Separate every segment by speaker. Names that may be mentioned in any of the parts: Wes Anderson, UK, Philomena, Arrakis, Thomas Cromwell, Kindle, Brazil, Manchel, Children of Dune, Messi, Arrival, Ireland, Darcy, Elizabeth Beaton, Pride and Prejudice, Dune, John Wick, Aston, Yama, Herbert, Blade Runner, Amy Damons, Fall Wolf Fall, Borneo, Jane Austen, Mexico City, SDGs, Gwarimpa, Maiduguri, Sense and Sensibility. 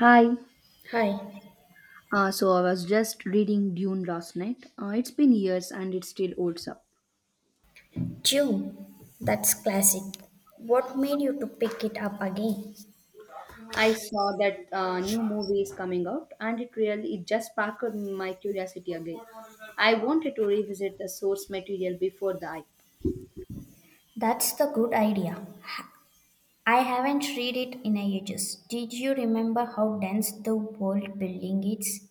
Speaker 1: Hi.
Speaker 2: Hi,
Speaker 1: So I was just reading Dune last night. It's been years and it still holds up.
Speaker 2: June. That's classic. What made you to pick it up again?
Speaker 1: I saw that new movie is coming out and it just sparked my curiosity again. I wanted to revisit the source material before the hype.
Speaker 2: That's the good idea. I haven't read it in ages. Did you remember how dense the world building is?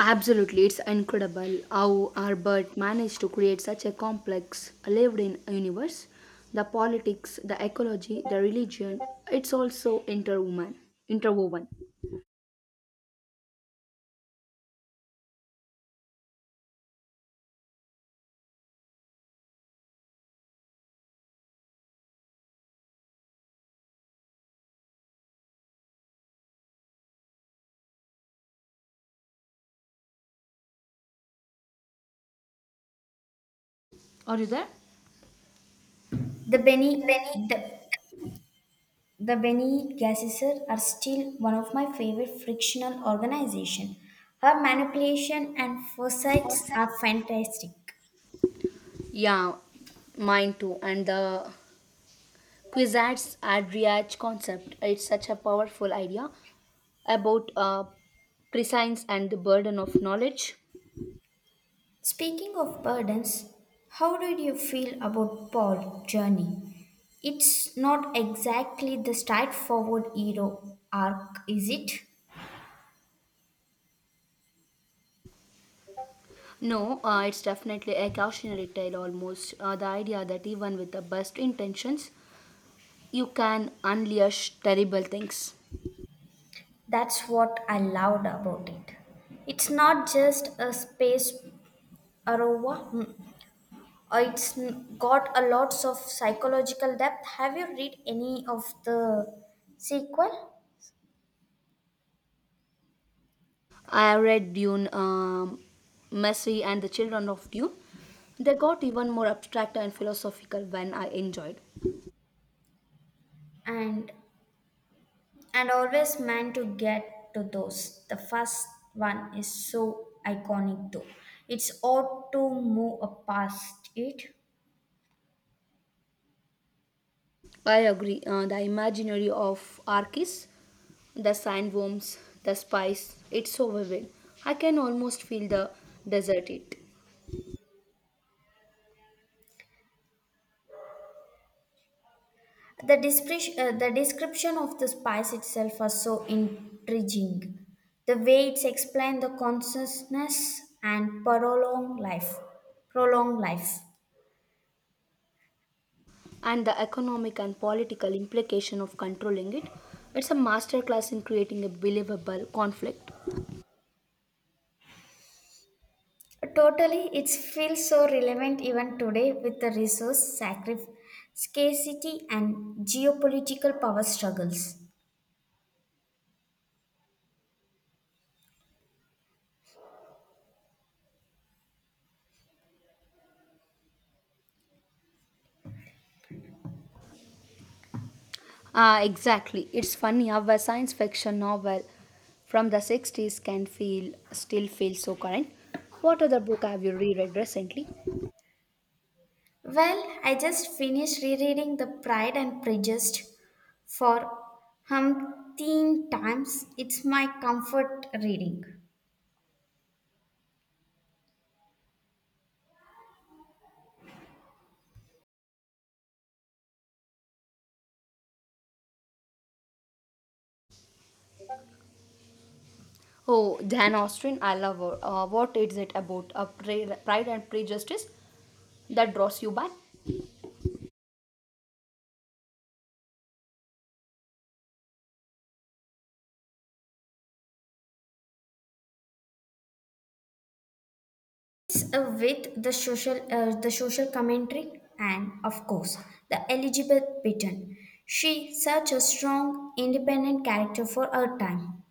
Speaker 1: Absolutely, it's incredible how Herbert managed to create such a complex, lived-in universe. The politics, the ecology, the religion—it's also interwoven. Interwoven. Are you there?
Speaker 2: The Benny the the Benny Gesserit are still one of my favorite frictional organization. Her manipulation and foresights are fantastic.
Speaker 1: Yeah, mine too. And the Quizards ad concept, it's such a powerful idea about prescience and the burden of knowledge.
Speaker 2: Speaking of burdens, how did you feel about Paul's journey? It's not exactly the straightforward hero arc, is it?
Speaker 1: No, it's definitely a cautionary tale almost. The idea that even with the best intentions, you can unleash terrible things.
Speaker 2: That's what I loved about it. It's not just a space arova. It's got a lots of psychological depth. Have you read any of the sequel?
Speaker 1: I read Dune, Messi and the Children of Dune. They got even more abstract and philosophical when I enjoyed.
Speaker 2: And and always meant to get to those. The first one is so iconic though. It's odd to move past it.
Speaker 1: I agree. The imaginary of Arrakis, the sandworms, the spice, it's so vivid. I can almost feel the desert it.
Speaker 2: The the description of the spice itself was so intriguing. The way it's explained the consciousness and prolonged life.
Speaker 1: And the economic and political implication of controlling it. It's a masterclass in creating a believable conflict.
Speaker 2: Totally, it feels so relevant even today with the resource sacrifice, scarcity, and geopolitical power struggles.
Speaker 1: Ah, exactly. It's funny how a science fiction novel from the 60s can feel still feel so current. What other book have you reread recently?
Speaker 2: Well, I just finished rereading The Pride and Prejudice for umpteen times. It's my comfort reading.
Speaker 1: Oh, Jane Austen, I love her. What is it about Pride and Prejudice that draws you back?
Speaker 2: It's with the the social commentary, and of course, the Elizabeth Beaton. She's such a strong, independent character for her time.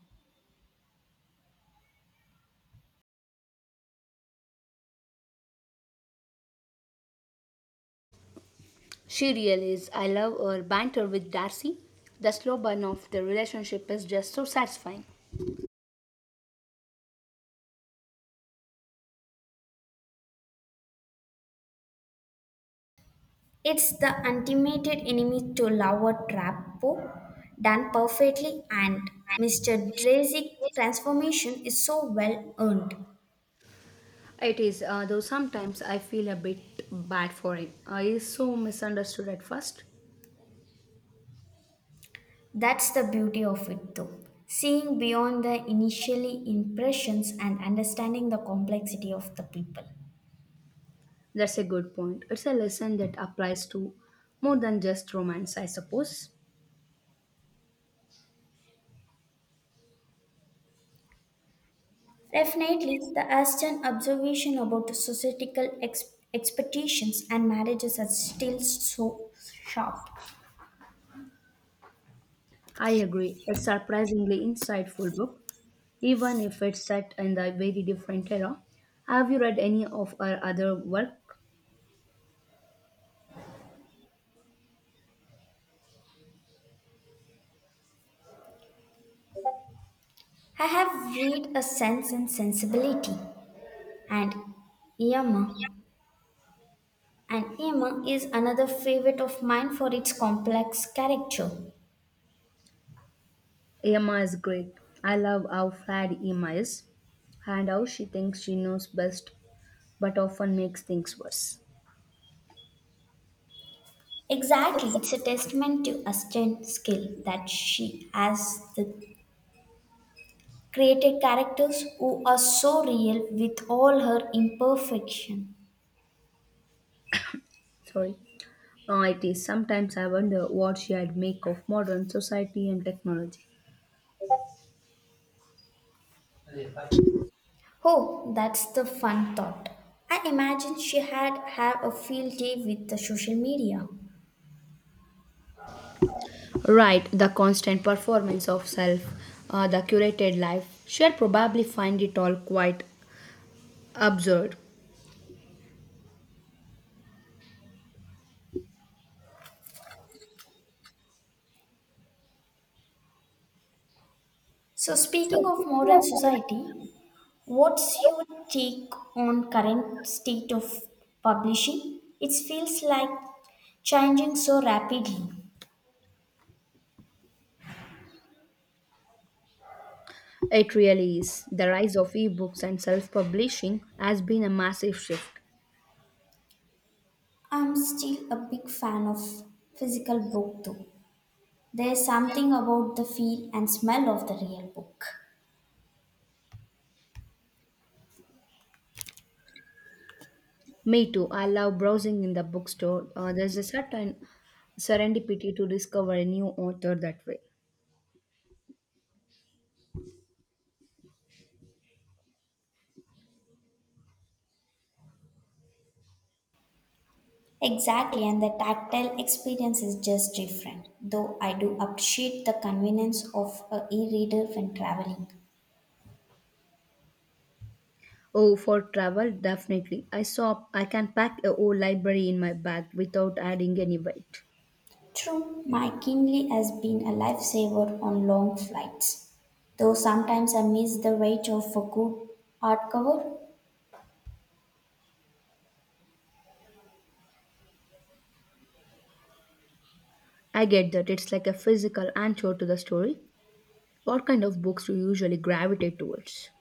Speaker 1: She really is. I love her banter with Darcy. The slow burn of the relationship is just so satisfying.
Speaker 2: It's the ultimate enemy to lover Trapo, done perfectly, and Mr. Drazy's transformation is so well earned.
Speaker 1: It is, though sometimes I feel a bit bad for him. He is so misunderstood at first.
Speaker 2: That's the beauty of it, though. Seeing beyond the initially impressions and understanding the complexity of the people.
Speaker 1: That's a good point. It's a lesson that applies to more than just romance, I suppose.
Speaker 2: Definitely, the Aston observation about the societal expectations and marriages are still so sharp.
Speaker 1: I agree. A surprisingly insightful book, even if it's set in a very different era. Have you read any of her other work?
Speaker 2: I have read A Sense and Sensibility and Yama, and Yama is another favorite of mine for its complex character.
Speaker 1: Emma is great. I love how flat Emma is and how she thinks she knows best but often makes things worse.
Speaker 2: Exactly, it's a testament to Aston's skill that she has the created characters who are so real with all her imperfection.
Speaker 1: Sorry. It is. Sometimes I wonder what she had make of modern society and technology.
Speaker 2: Oh, that's the fun thought. I imagine she had have a field day with the social media.
Speaker 1: Right, the constant performance of self, the curated life. She'll probably find it all quite absurd.
Speaker 2: So speaking of modern society, what's your take on current state of publishing? It feels like changing so rapidly.
Speaker 1: It really is. The rise of ebooks and self publishing has been a massive shift.
Speaker 2: I'm still a big fan of physical book though. There's something about the feel and smell of the real book.
Speaker 1: Me too. I love browsing in the bookstore. There's a certain serendipity to discover a new author that way.
Speaker 2: Exactly, and the tactile experience is just different, though I do appreciate the convenience of a e-reader when traveling.
Speaker 1: Oh, for travel, definitely. I saw I can pack a whole library in my bag without adding any weight.
Speaker 2: True, my Kindle has been a lifesaver on long flights, though sometimes I miss the weight of a good hardcover.
Speaker 1: I get that it's like a physical anchor to the story. What kind of books do you usually gravitate towards?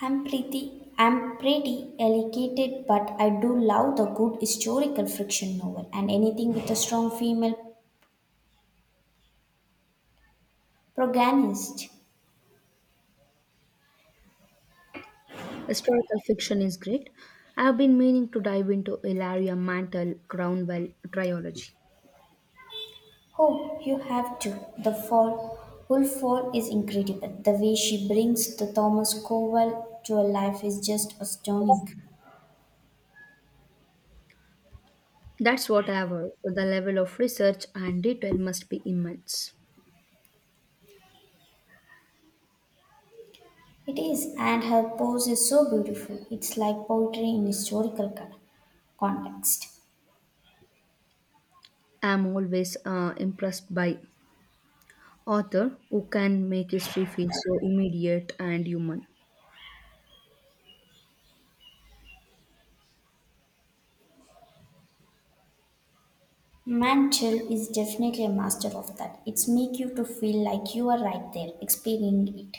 Speaker 2: I'm pretty allocated, but I do love the good historical fiction novel and anything with a strong female protagonist.
Speaker 1: Historical fiction is great. I have been meaning to dive into Ilaria Mantle Cromwell trilogy.
Speaker 2: Oh, you have to. The Fall Wolf Fall is incredible. The way she brings the Thomas Cromwell to life is just astounding.
Speaker 1: That's what I have heard. The level of research and detail must be immense.
Speaker 2: It is, and her pose is so beautiful. It's like poetry in historical context.
Speaker 1: I am always impressed by author who can make history feel so immediate and human.
Speaker 2: Manchel is definitely a master of that. It's make you to feel like you are right there, experiencing it.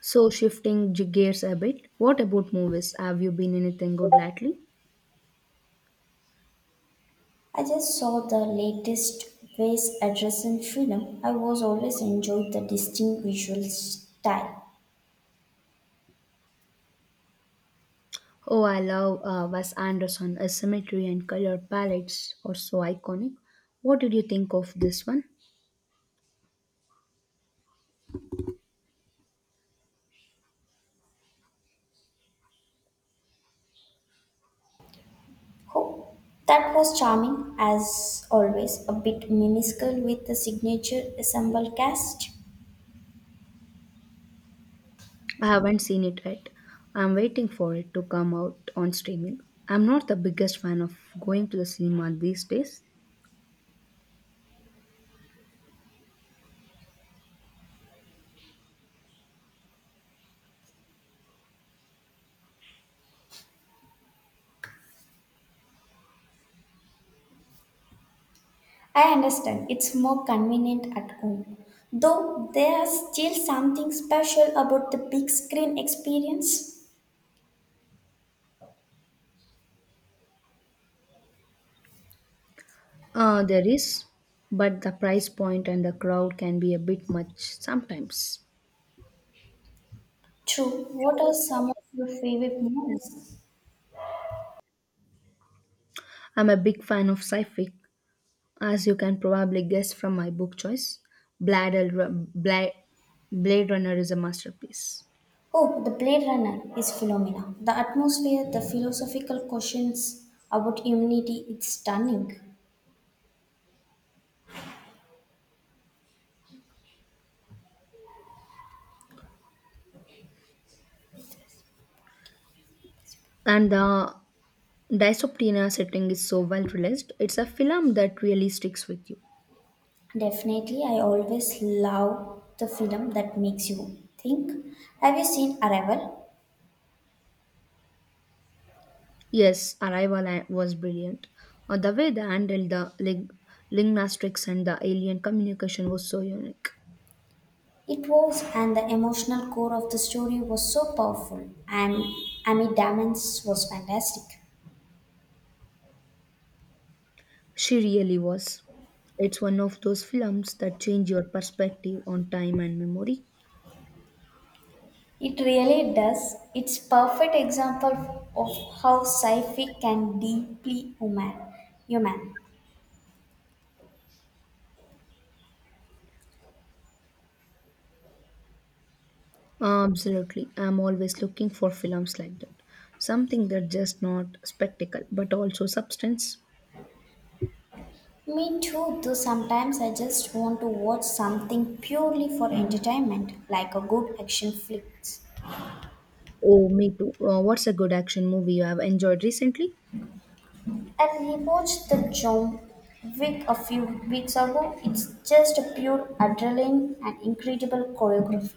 Speaker 1: So shifting gears a bit, what about movies? Have you been anything good lately?
Speaker 2: I just saw the latest Wes Anderson film. I was always enjoyed the distinct visual style.
Speaker 1: Oh, I love Wes Anderson. His symmetry and color palettes are so iconic. What did you think of this one?
Speaker 2: Oh, that was charming as always, a bit minuscule with the signature ensemble cast.
Speaker 1: I haven't seen it yet. I'm waiting for it to come out on streaming. I'm not the biggest fan of going to the cinema these days.
Speaker 2: I understand it's more convenient at home, though there's still something special about the big screen experience.
Speaker 1: There is, but the price point and the crowd can be a bit much sometimes.
Speaker 2: True. What are some of your favorite movies?
Speaker 1: I'm a big fan of sci fi, as you can probably guess from my book choice. Blade, Ru- Bla- Blade Runner is a masterpiece.
Speaker 2: Oh, The Blade Runner is Philomena. The atmosphere, the philosophical questions about humanity, it's stunning.
Speaker 1: And the Dysoptina setting is so well realized. It's a film that really sticks with you.
Speaker 2: Definitely, I always love the film that makes you think. Have you seen Arrival?
Speaker 1: Yes, Arrival was brilliant. The way they handled the linguistics and the alien communication was so unique.
Speaker 2: It was, and the emotional core of the story was so powerful, and Amy Damons was fantastic.
Speaker 1: She really was. It's one of those films that change your perspective on time and memory.
Speaker 2: It really does. It's perfect example of how sci-fi can deeply human.
Speaker 1: Absolutely. I'm always looking for films like that. Something that's just not spectacle, but also substance.
Speaker 2: Me too. Though sometimes I just want to watch something purely for entertainment, like a good action flick.
Speaker 1: Oh, me too. What's a good action movie you have enjoyed recently?
Speaker 2: I rewatched the John Wick a few weeks ago. It's just a pure adrenaline and incredible choreography.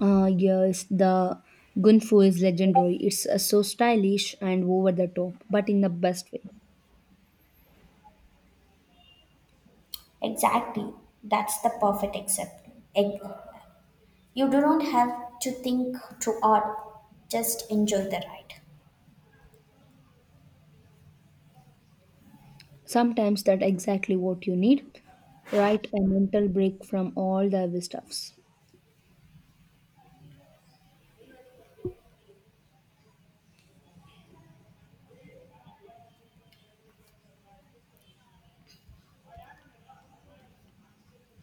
Speaker 1: Yes, the Gunfu is legendary. It's so stylish and over the top, but in the best way.
Speaker 2: Exactly. That's the perfect except, you do not have to think too hard, just enjoy the ride.
Speaker 1: Sometimes that's exactly what you need, right? A mental break from all the heavy stuffs.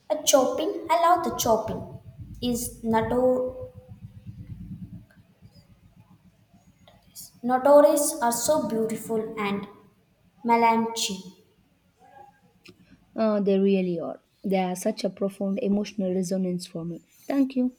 Speaker 2: A shopping, I love the shopping. Is notorious are so beautiful and melancholy.
Speaker 1: They really are. They are such a profound emotional resonance for me. Thank you.